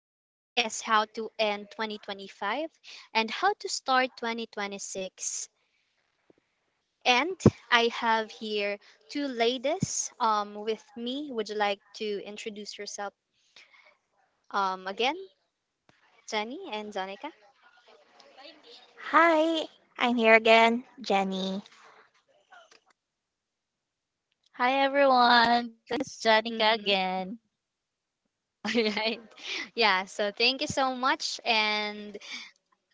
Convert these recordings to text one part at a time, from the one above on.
First is how to end 2025 and how to start 2026. And I have here two ladies with me. Would you like to introduce yourself again, Jenny and Zanika? Hi, I'm here again, Jenny. Hi everyone, this is Janica Mm-hmm. again. All right. Yeah, so thank you so much. And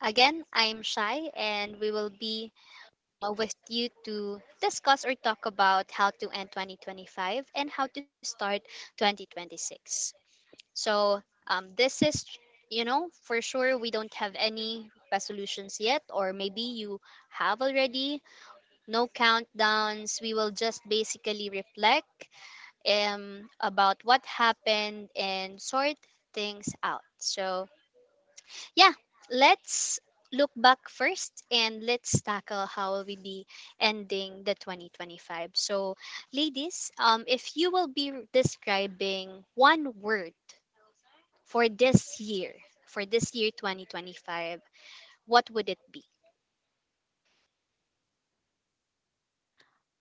again, I'm Shai, and we will be with you to discuss or talk about how to end 2025 and how to start 2026. So, this is, for sure we don't have any resolutions yet, or maybe you have already. No countdowns. We will just basically reflect about what happened and sort things out. So, yeah, let's look back first and let's tackle how will we be ending the 2025. So, ladies, if you will be describing one word for this year, 2025, what would it be?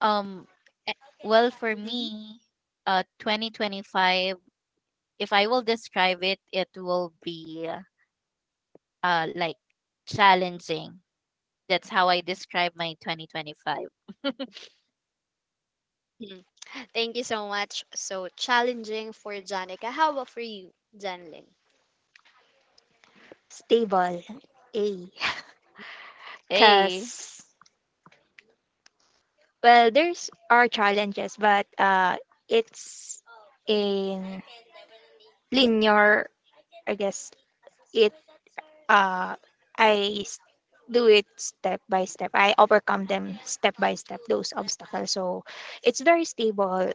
Um, well, for Mhm. me, 2025, if I will describe it, it will be like challenging. That's how I describe my 2025. Mm. Thank you so much. So challenging for Janica. How about for you, Janling? Stable. A. Hey, Cause well, there's are challenges, but it's in linear. I guess it. Uh, I s- do it step by step. I overcome them step by step. Those obstacles. So it's very stable.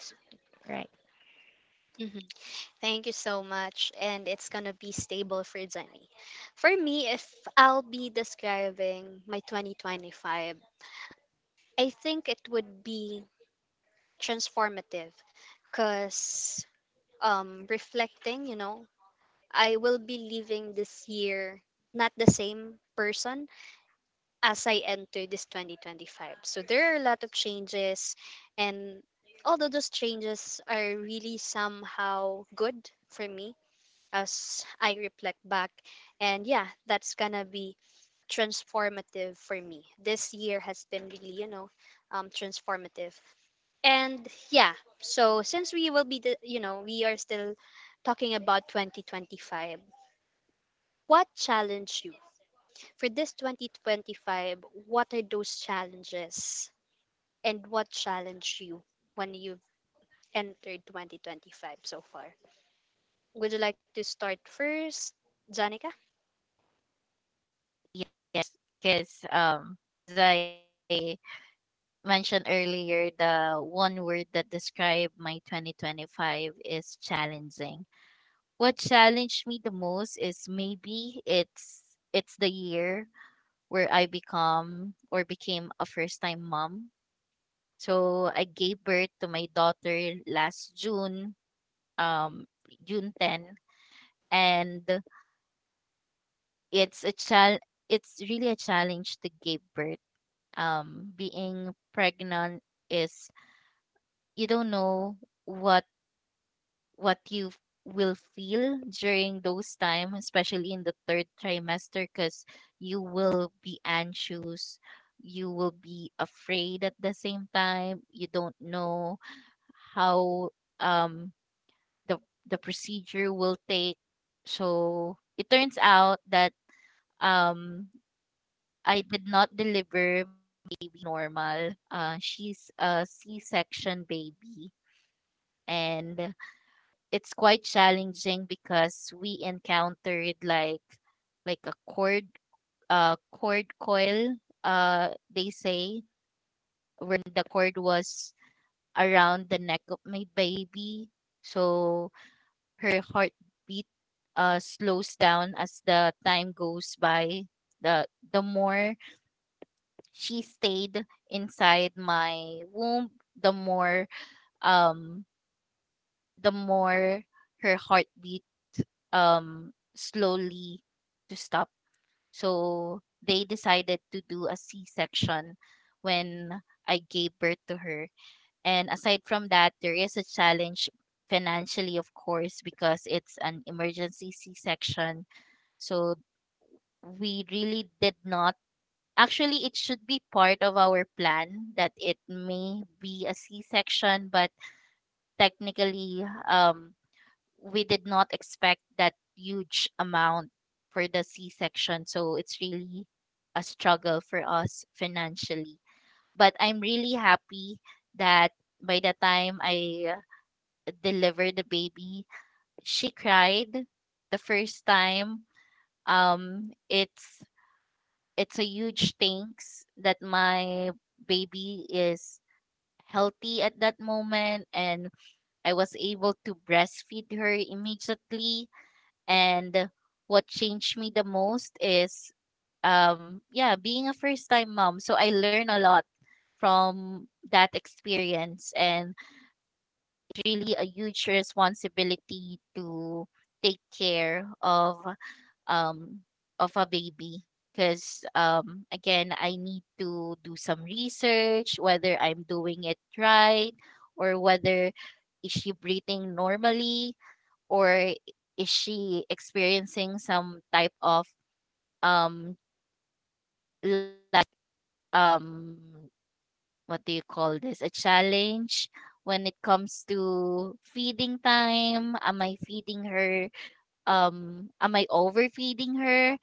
S- Right. Thank you so much. And it's gonna be stable for Jenny. For me, if I'll be describing my 2025, I think it would be transformative because, reflecting, I will be leaving this year not the same person as I entered this 2025. So there are a lot of changes, and although those changes are really somehow good for me, as I reflect back. And yeah, that's gonna be transformative for me. This year has been really, transformative. And yeah, so since we will be, the, you know, we are still talking about 2025, what challenged you? For this 2025, what are those challenges and what challenged you when you've entered 2025 so far? Would you like to start first, Janica? yes, because as I mentioned earlier, the one word that describes my 2025 is challenging. What challenged me the most is maybe it's the year where I become or became a first time mom. So I gave birth to my daughter last June, um, June 10, and it's a chal it's really a challenge to give birth. Being pregnant is you don't know what what will feel during those time, especially in the third trimester, because you will be anxious, you will be afraid at the same time. You don't know how um the the procedure will take. So it turns out that um I did not deliver baby normal. She's a C-section baby, and it's quite challenging because we encountered like a cord coil they say, where the cord was around the neck of my baby. So her heartbeat slows down as the time goes by. the the more she stayed inside my womb, the more um the more her heartbeat slowly to stop. So they decided to do a C-section when I gave birth to her. And aside from that, there is a challenge financially, of course, because it's an emergency C-section. So we really did not, actually it should be part of our plan that it may be a c-section, but technically we did not expect that huge amount for the C-section. So it's really a struggle for us financially. But I'm really happy that by the time I delivered the baby, she cried the first time. Um, it's it's a huge thanks that my baby is healthy at that moment, and I was able to breastfeed her immediately. And what changed me the most is yeah, being a first time mom. So I learn a lot from that experience, and really a huge responsibility to take care of um a baby, because again, I need to do some research whether I'm doing it right, or whether is she breathing normally, or is she experiencing some type of um l- um what do you call this, a challenge when it comes to feeding time. Am I feeding her, am I overfeeding her,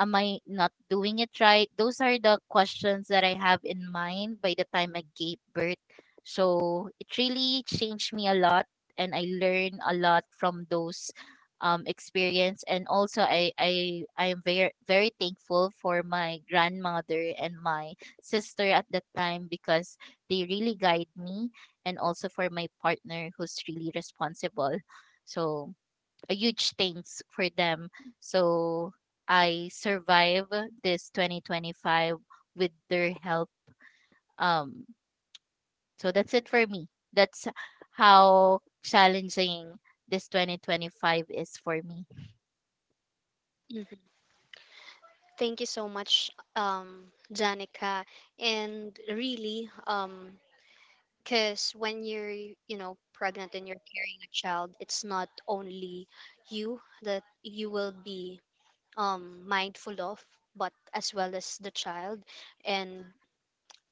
am I not doing it right? Those are the questions that I have in mind by the time I gave birth. So it really changed me a lot, and I learned a lot from those experience. And also I am very very thankful for my grandmother and my sister at that time, because they really guide me, and also for my partner who's really responsible. So a huge thanks for them. So I survive this 2025 with their help. Um, so that's it for me. That's how challenging this 2025 is for me. Thank you so much, Danica. And really, because when you're, pregnant and you're carrying a child, it's not only you that you will be mindful of, but as well as the child. And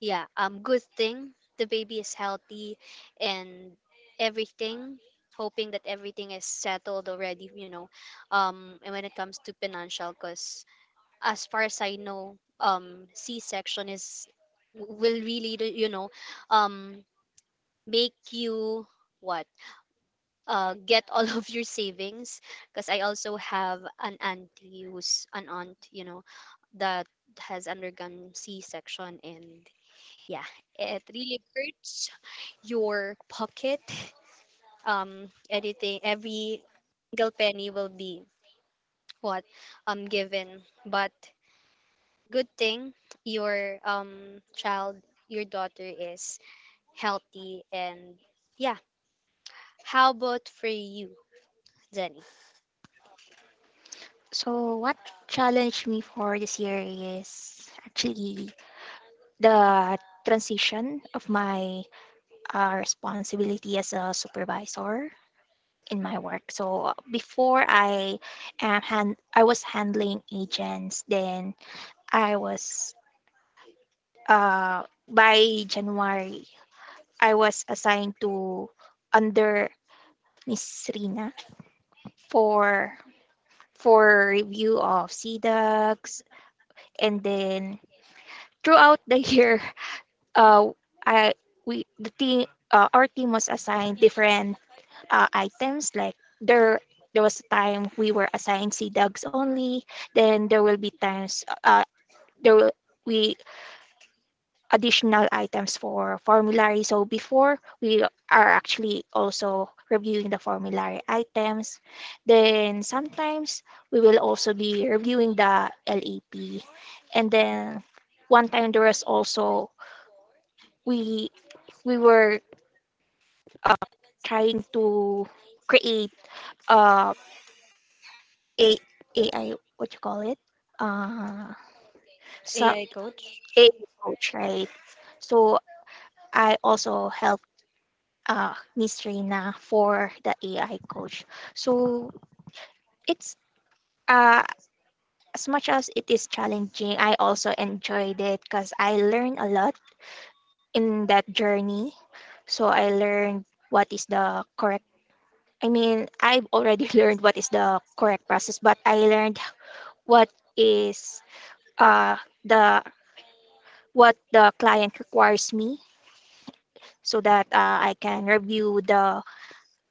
yeah, good thing the baby is healthy and everything. Hoping that everything is settled already, and when it comes to financial, because as far as I know, C-section is will really um, make you what get all of your savings, because I also have an auntie who's an aunt, that has undergone C-section, and yeah, it really hurts your pocket. Anything, every single penny will be, what given. But good thing your child, your daughter, is healthy. And yeah, how about for you, Jenny? So what challenged me for this year is actually the transition of my responsibility as a supervisor in my work. So before I am hand, I was handling agents. Then I was by January, I was assigned to under Miss Rina for for review of CDACs, and then throughout the year, uh, I we the team, our team was assigned different items like there there was a time we were assigned sea dogs only. Then there will be times, there will we additional items for formulary. So before we are actually also reviewing the formulary items, then sometimes we will also be reviewing the LAP. And then one time there was also we we were trying to create a A AI, what you call it? Uh, so AI coach. AI coach, right? So I also help, Miss Reina, for the AI coach. So it's, uh, as much as it is challenging, I also enjoyed it because I learned a lot in that journey. So I learned what is the correct. I mean, I've already learned what is the correct process, but I learned what is uh, the what the client requires me so that, I can review the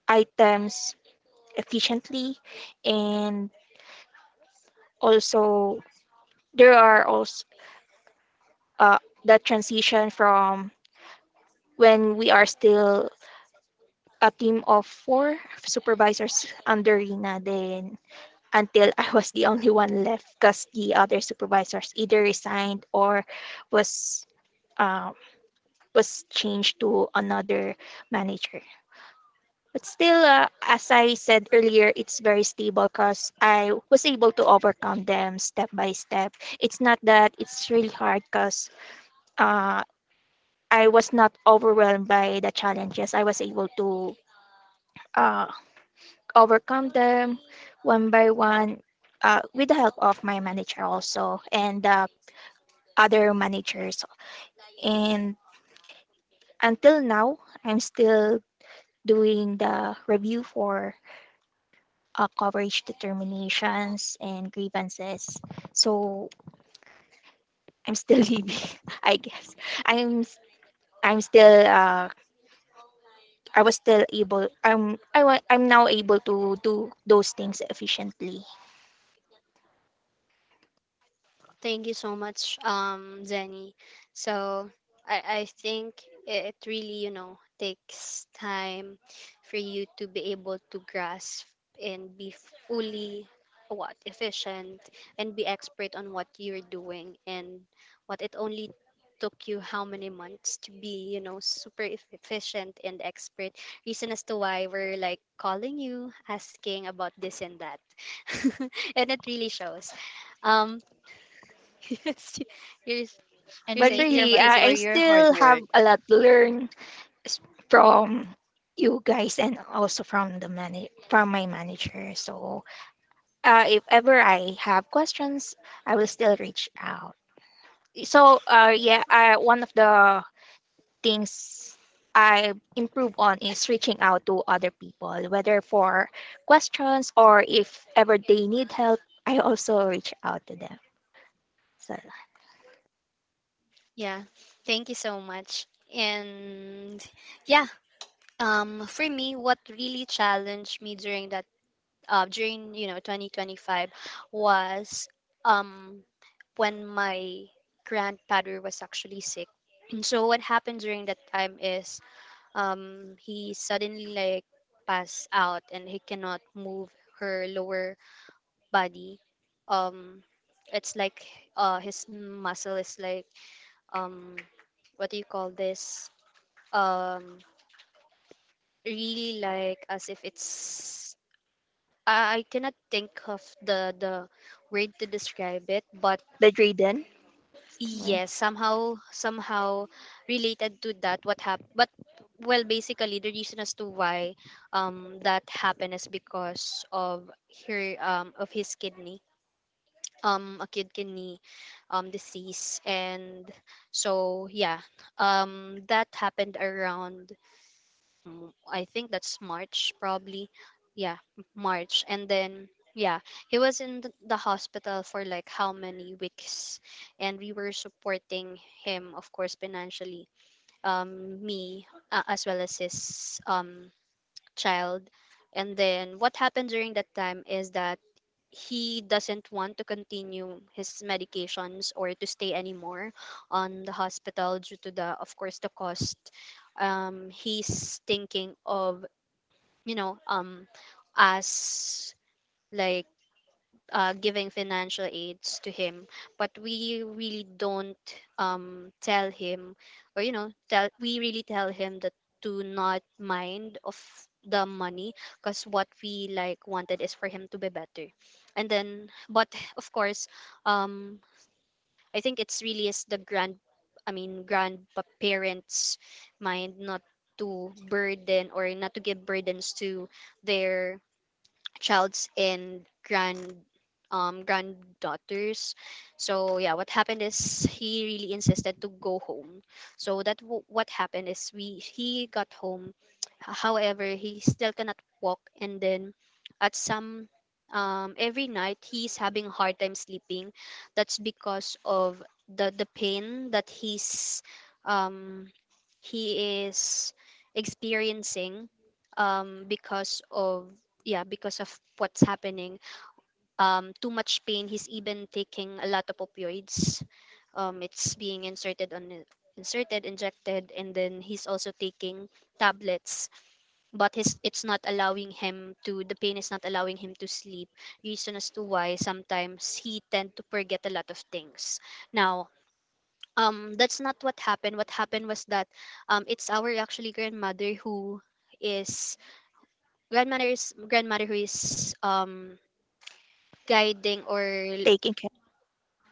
items efficiently. And also, there are also, uh, the transition from when we are still a team of four supervisors under Rina, then until I was the only one left because the other supervisors either resigned or was uh, was changed to another manager. But still, as I said earlier, it's very stable because I was able to overcome them step by step. It's not that it's really hard because, uh, I was not overwhelmed by the challenges. I was able to, uh, overcome them one by one, with the help of my manager also and, other managers. And until now, I'm still doing the review for, coverage determinations and grievances. So I'm still living, I guess. I'm s- I'm still I was still able. I'm I wa- I'm now able to do those things efficiently. Thank you so much, Zenny. So I think it really, takes time for you to be able to grasp and be fully what efficient and be expert on what you're doing. And what it only took you how many months to be, super efficient and expert, reason as to why we're like calling you asking about this and that. And it really shows, um yes, you're And we thank But you for you're really, about your to say I hard something. work. still have a lot to learn, s- from you guys and also from the manage from my manager. So, if ever I have questions, I will still reach out. So, yeah, one of the things I improve on is reaching out to other people, whether for questions or if ever they need help, I also reach out to them. So Yeah, thank you so much. And yeah, for me, what really challenged me during that during, 2025, was um when my grandfather was actually sick. And so what happened during that time is, he suddenly like passed out and he cannot move her lower body. um it's like, his muscle is like, um what do you call this, um really like as if it's, I cannot think of the word to describe it, but the Drayden was yes, somehow, related to that what happened. But well, basically the reason as to why that happened is because of her of his kidney, kidney disease. And so yeah, that happened around, I think that's March probably, yeah, March. And then, yeah, he was in the hospital for like how many weeks, and we were supporting him, of course, financially, me, as well as his child. And then what happened during that time is that he doesn't want to continue his medications or to stay anymore on the hospital due to, the of course, the cost. He's thinking of, you know um as like, giving financial aids to him, but we really don't, tell him, or tell, we really tell him that to not mind of the money, because what we like wanted is for him to be better. And then, but of course, um I think it's really is the grand I mean grandparents mind not to burden or not to give burdens to their child's and granddaughters. So yeah, what happened is he really insisted to go home. So that what happened is we he got home. However, he still cannot walk. And then at some, every night he's having a hard time sleeping. That's because of the pain that um he is experiencing, because of, yeah, because of what's happening. Too much pain. He's even taking a lot of opioids. It's being inserted on, inserted injected, and then he's also taking tablets. But his it's not allowing him to, the pain is not allowing him to sleep, reason as to why sometimes he tend to forget a lot of things now. That's not what happened. What happened was that, it's our actually grandmother who is, grandmother who is, guiding, or taking care.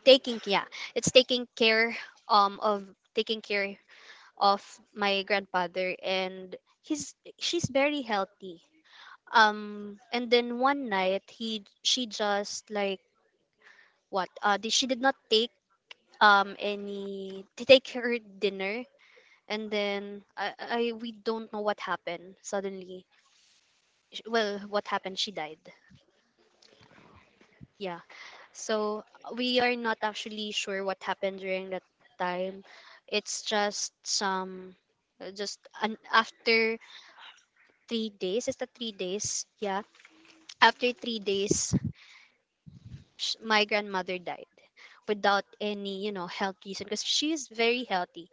taking, yeah, it's taking care of, taking care of my grandfather. And he's she's very healthy. And then one night he she just like, she did not take, any, to take her dinner. And then I we don't know what happened. Suddenly, well, what happened, she died. Yeah. So we are not actually sure what happened during that time. It's just some, after 3 days. Is that 3 days? Yeah. After 3 days, my grandmother died without any, health reason, because she is very healthy.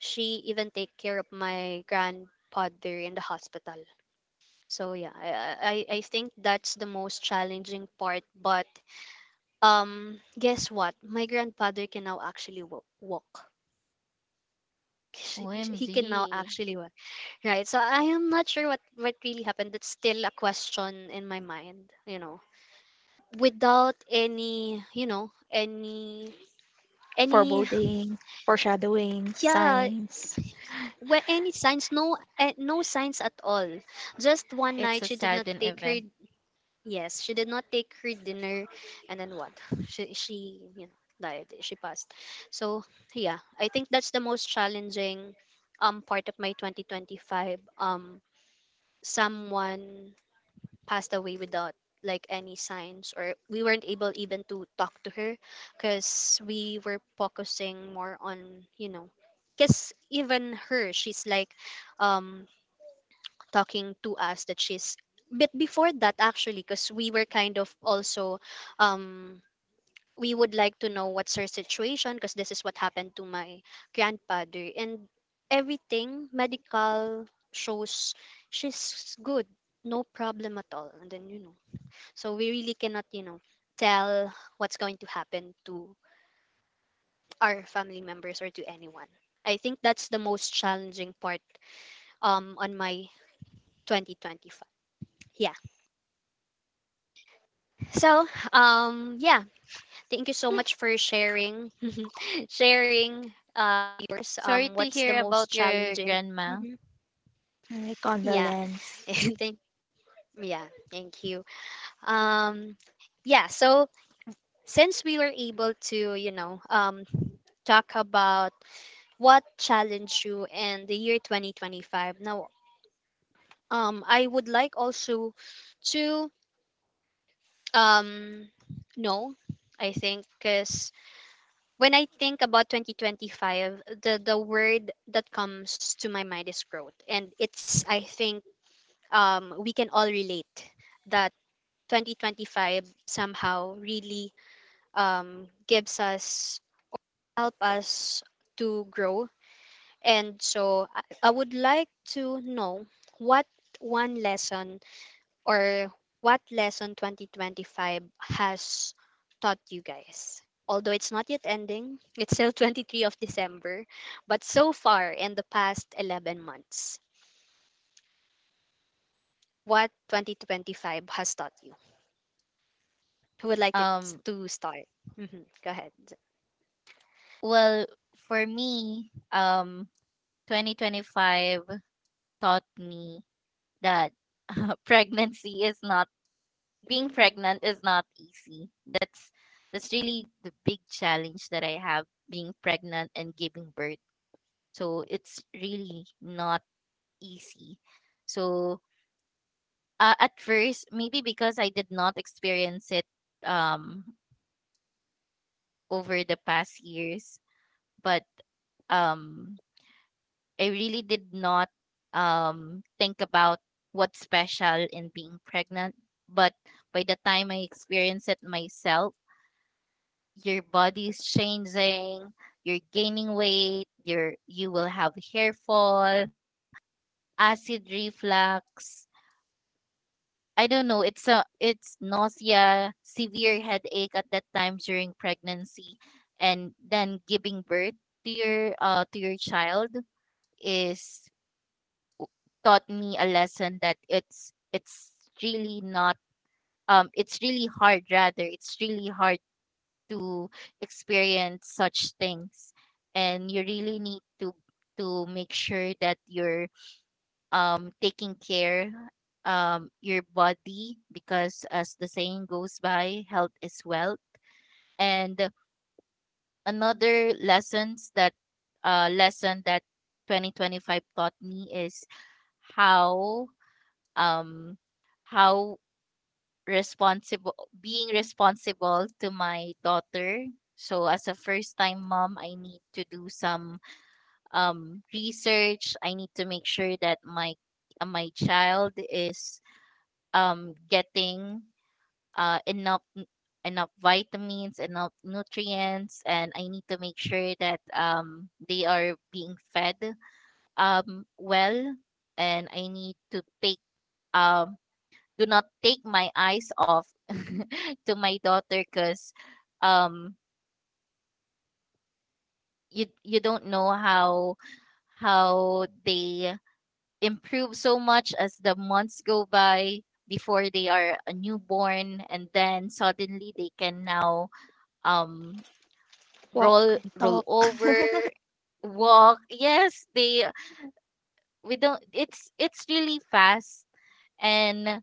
She even take care of my grandfather in the hospital. So yeah, I think that's the most challenging part, but guess what? My grandfather can now actually walk. He can now OMG. actually walk. Right. So I am not sure what really happened. That's still a question in my mind. Without any, any, Foreboding, foreshadowing, yeah, signs. where any signs, no, no signs at all. Just one night, It's a she did not sudden take her. event. Yes, she did not take her dinner, and then what? She, you know died. She passed. So yeah, I think that's the most challenging part of my 2025. Someone passed away without like any signs, or we weren't able even to talk to her, because we were focusing more on, because even her, she's like, um, talking to us that she's, but before that, actually because we were kind of also, um we would like to know what's her situation, because this is what happened to my grandfather, and everything medical shows she's good, no problem at all. And then, so we really cannot, tell what's going to happen to our family members or to anyone. I think that's the most challenging part, on my 2025. Yeah. So, yeah, thank you so much for sharing, sharing Sorry yours. to hear What's about the most your challenging? grandma. Hmm. Alright, Yeah, condolence, and thank yeah, thank you. Um, yeah, so since we were able to, talk about what challenged you in the year 2025. Now, I would like also to um know, I think, because when I think about 2025, the word that comes to my mind is growth. And it's, I think, we can all relate that 2025 somehow really, gives us help us to grow. And so I would like to know what, one lesson or what lesson 2025 has taught you guys? Although it's not yet ending, it's still 23 of December, but so far in the past 11 months, what 2025 has taught you? Who would like to, Um start? Mhm, go ahead. well, for me, 2025 taught me that pregnancy is not being pregnant is not easy. That's really the big challenge that I have, being pregnant and giving birth. So it's really not easy. So, uh, at first, maybe because I did not experience it um over the past years, but um I really did not think about what's special in being pregnant. But by the time I experience it myself, your body's changing, you're gaining weight, you're you will have hair fall, acid reflux, I don't know, it's nausea, severe headache at that time during pregnancy, and then giving birth to your to your child is taught me a lesson that it's really not it's really hard rather it's really hard to experience such things. And you really need to make sure that you're taking care your body, because as the saying goes by, health is wealth. And another lesson that 2025 taught me is how um, how responsible, being responsible to my daughter. So as a first time mom, I need to do some research. I need to make sure that my my child is getting uh, enough n- enough vitamins, enough nutrients, and I need to make sure that they are being fed well, and I need to take um, do not take my eyes off to my daughter, because um, you you don't know how they improve so much as the months go by. Before they are a newborn, and then suddenly they can now um walk and roll talk. over, walk, yes they, we don't, it's really fast. And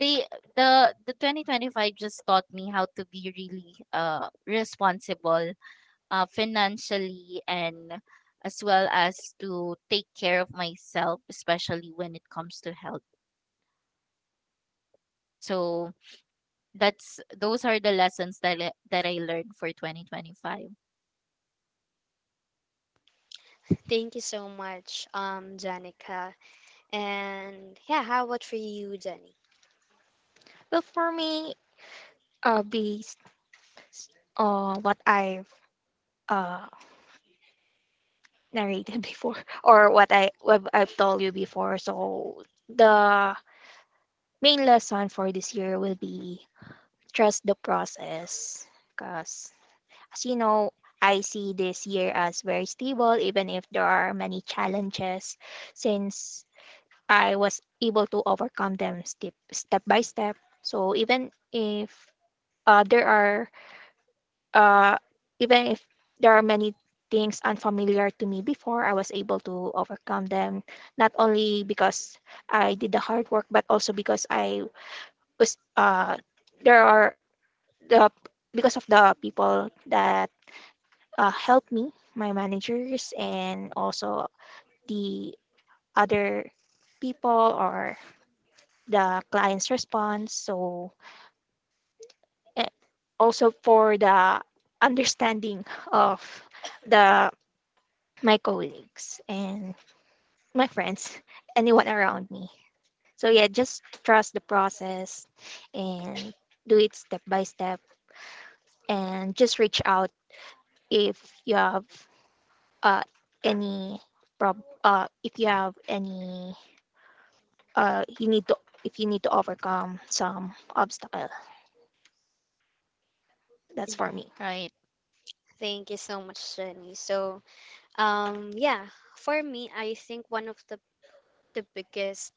they the 2025 just taught me how to be really responsible financially, and as well as to take care of myself, especially when it comes to health. So that's, those are the lessons that I learned for 2025, Thank you so much, Janica. And yeah, how about for you, Jenny? Well, for me, based on what I've, uh, narrated before, or what I've told you before, so the main lesson for this year will be trust the process, cause as you know, I see this year as very stable, even if there are many challenges, since I was able to overcome them step by step. So uh, there are uh, even if there are many things unfamiliar to me before, I was able to overcome them. Not only because I did the hard work, but also because I was there are the because of the people that, helped me, my managers, and also the other people, or the client's response. So, eh, also for the understanding of the my colleagues and my friends, anyone around me. So yeah, just trust the process and do it step by step, and just reach out if you have uh, any prob- if you have any, you need to, if you need to overcome some obstacle. That's for Mhm. me. right? Thank you so much, Jenny. So, yeah, for me, I think one of the biggest,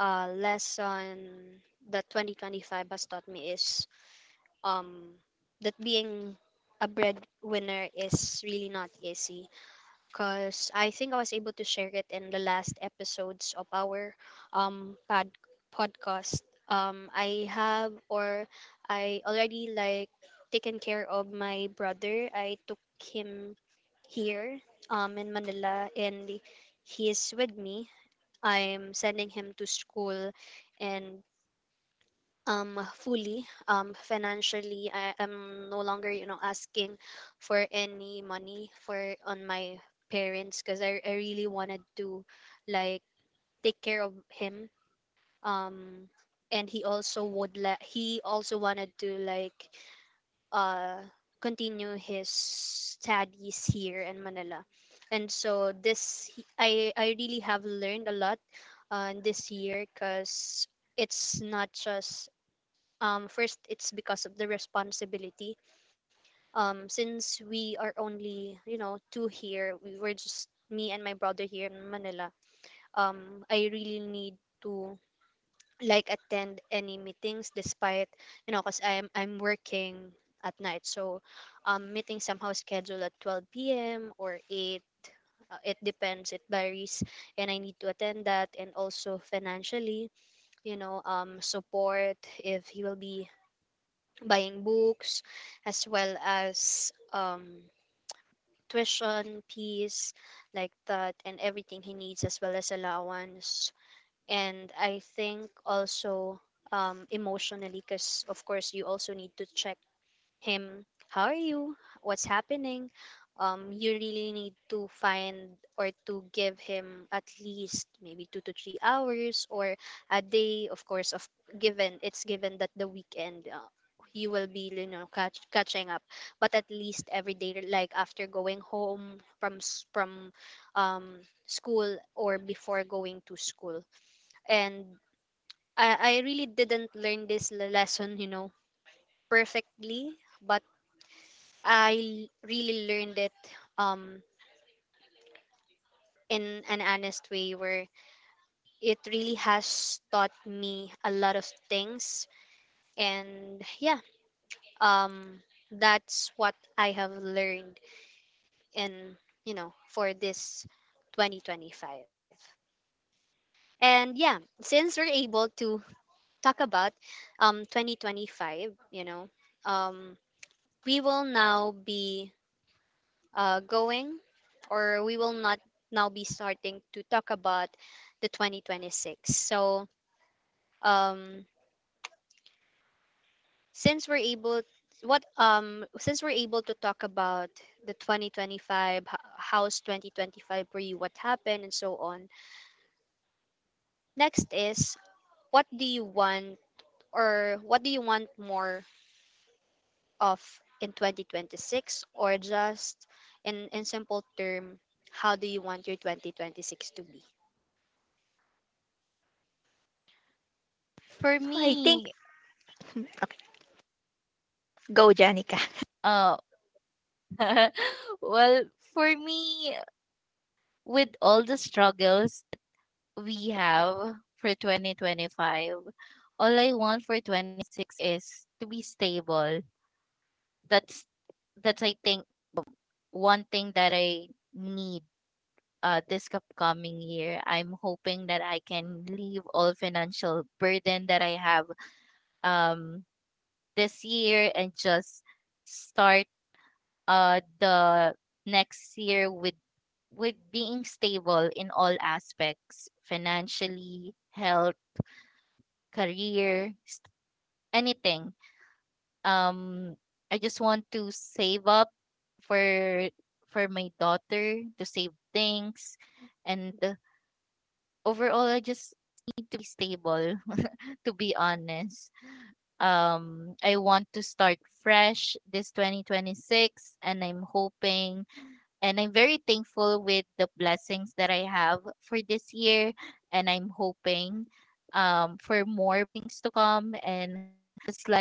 lesson that 2025 has taught me is, um, that being a breadwinner is really not easy, because I think I was able to share it in the last episodes of our, um, pod- podcast. I have or I already like taken care of my brother. I took him here in Manila, and he is with me. I'm sending him to school and fully financially I am no longer, you know, asking for any money for on my parents because I really wanted to like take care of him. um and he also would let he also wanted to like uh, continue his studies here in Manila. And so I really have learned a lot this year because it's not just first it's because of the responsibility. Since we are only, you know, two here, we were just me and my brother here in Manila. I really need to like attend any meetings despite, you know, because I'm working at night. So meeting somehow scheduled at 12 p.m. or 8, it depends, it varies, and I need to attend that. And also financially, you know, support if he will be buying books as well as tuition fees like that, and everything he needs as well as allowance. And I think also, emotionally, because of course you also need to check him. How are you? What's happening? You really need to find or to give him at least maybe 2 to 3 hours or a day. Of course, of given it's given that the weekend, you will be, you know, catching up, but at least every day, like after going home from school or before going to school. And I really didn't learn this lesson, you know, perfectly, but I really learned it um in an honest way where it really has taught me a lot of things. And yeah, um that's what I have learned in, you know, for this 2025. And yeah, since we're able to talk about 2025, you know, um we will now be going, or we will not now be starting to talk about the 2026. So um since we're able, what since we're able to talk about the 2025, how's 2025 for you, what happened and so on, next is what do you want, or what do you want more of in 2026, or just in simple term, how do you want your 2026 to be? For So I think me, okay, go Janica. uh, well, for me, with all the struggles we have for 2025, all I want for 2026 is to be stable. That's that's I think one thing that I need this upcoming year. I'm hoping that I can leave all financial burden that I have um this year, and just start the next year with being stable in all aspects, financially, health, career s- anything. um I just want to save up for for my daughter, to save things. And overall I just need to be stable, to be honest. I want to start fresh this 2026, and I'm hoping, and I'm very thankful with the blessings that I have for this year. And I'm hoping for more things to come. And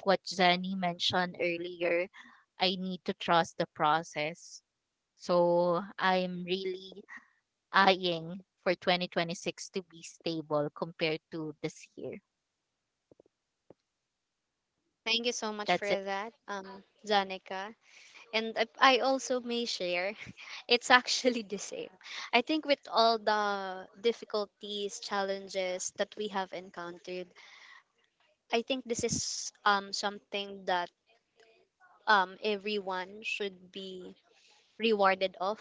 it's like what Jenny mentioned earlier, I need to trust the process. So I'm really eyeing for 2026 to be stable compared to this year. Thank you so much for That's that, it. Janica. And I also may share, it's actually the same. I think with all the difficulties, challenges that we have encountered, I think this is something that everyone should be rewarded of.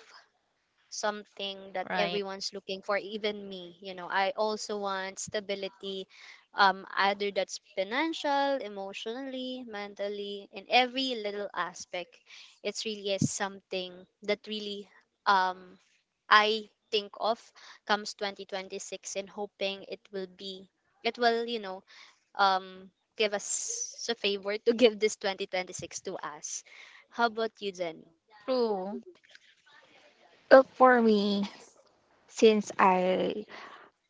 Something that Right. everyone's looking for, even me, you know, I also want stability, either that's financial, emotionally, mentally, in every little aspect. It's really is something that really um I think of, comes 2026, and hoping it will be, it will, you know, um give us a favor to give this 2026 to us. How about you, Jenny? True. Well, for me, since I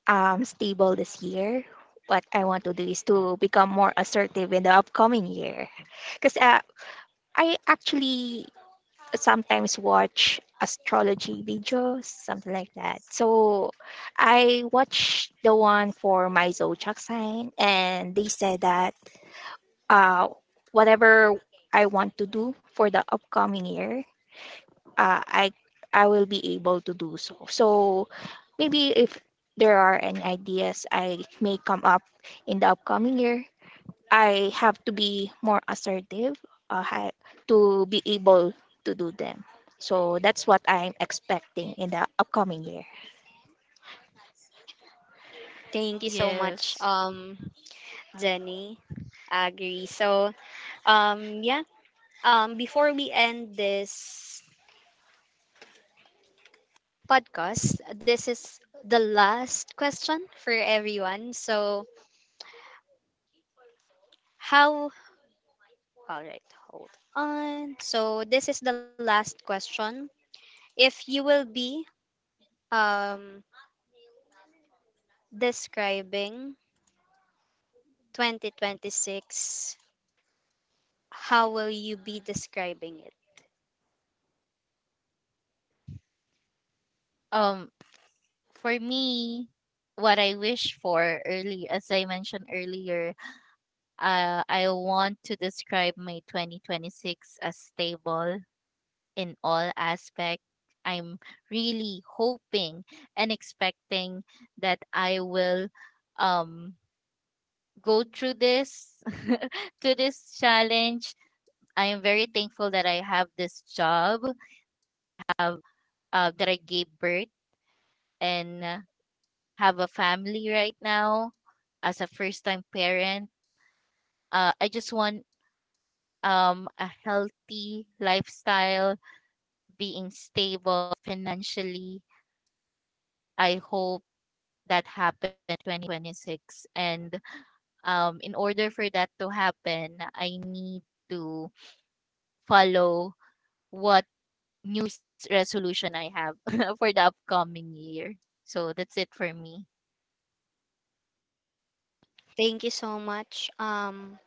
am stable this year, what I want to do is to become more assertive in the upcoming year. Because, I actually sometimes watch astrology videos, something like that. So I watched the one for my zodiac sign, and they said that, uh, whatever I want to do for the upcoming year, uh, I I will be able to do so. So maybe if there are any ideas I may come up in the upcoming year, I have to be more assertive, uh, ha- to be able to do them. So that's what I'm expecting in the upcoming year. Thank you so much, Yes. Jenny. Agree. So, yeah. Before we end this podcast, this is the last question for everyone. So, how? All right, hold on. So, this is the last question. If you will be um describing 2026, how will you be describing it? Um, for me, what I wish for early, as I mentioned earlier, uh, I want to describe my 2026 as stable in all aspects. I'm really hoping and expecting that I will um, go through this to this challenge. I am very thankful that I have this job that I gave birth, and have a family right now as a first time parent. I just want a healthy lifestyle, being stable financially. I hope that happens in 2026. And in order for that to happen, I need to follow what new resolution I have for the upcoming year. So that's it for me. Thank you so much.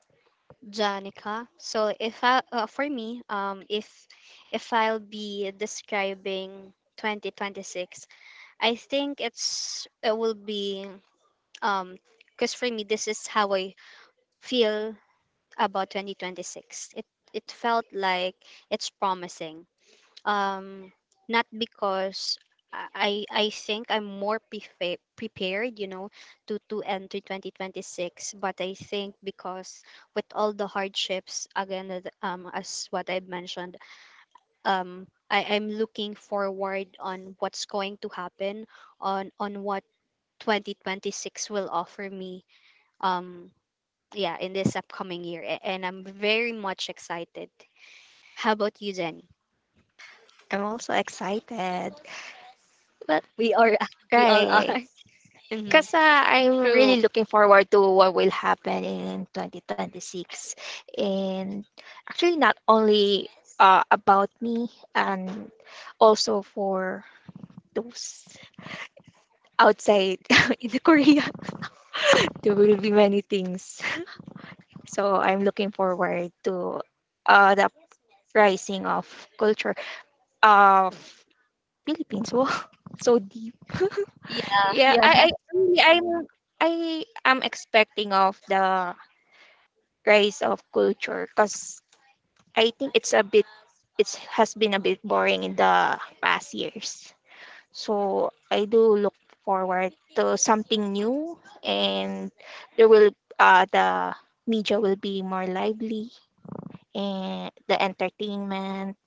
Janica. So if I for me, if I'll be describing 2026, I think it's it will be, um, because for me this is how I feel about 2026. It it felt like it's promising, um not because I think I'm more prepared, you know, to enter 2026, but I think because with all the hardships again as what I've mentioned, I'm looking forward on what's going to happen on what 2026 will offer me. um yeah, in this upcoming year, and I'm very much excited. How about you, Jenny? I'm also excited. But We are we all right. are. Because, I'm True. really looking forward to what will happen in 2026. And actually, not only, about me, and also for those outside in the Korea, there will be many things. So I'm looking forward to, the rising of culture of Philippines. Wow, so deep. Yeah, Yeah, yeah. I really, I am expecting of the rise of culture because I think it's a bit, it has been a bit boring in the past years. So I do look forward to something new and there will, the media will be more lively, and the entertainment.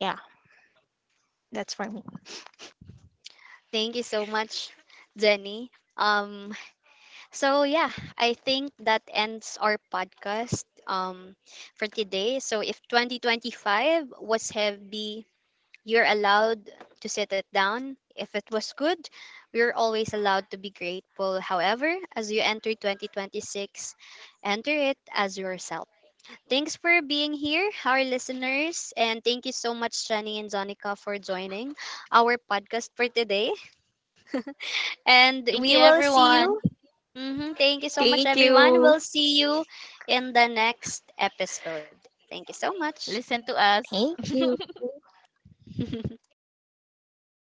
Yeah, that's for me. Thank you so much, Jenny. Um, so yeah, I think that ends our podcast for today. So if 2025 was heavy, you're allowed to set it down. If it was good, we're always allowed to be grateful. However, as you enter 2026, enter it as yourself. Thanks for being here, our listeners, and thank you so much, Jenny and Zonica, for joining our podcast for today. And Thank we you, will see everyone. you. Mhm. Thank you so much, Thank everyone. you. We'll see you in the next episode. Thank you so much. Listen to us. Thank you.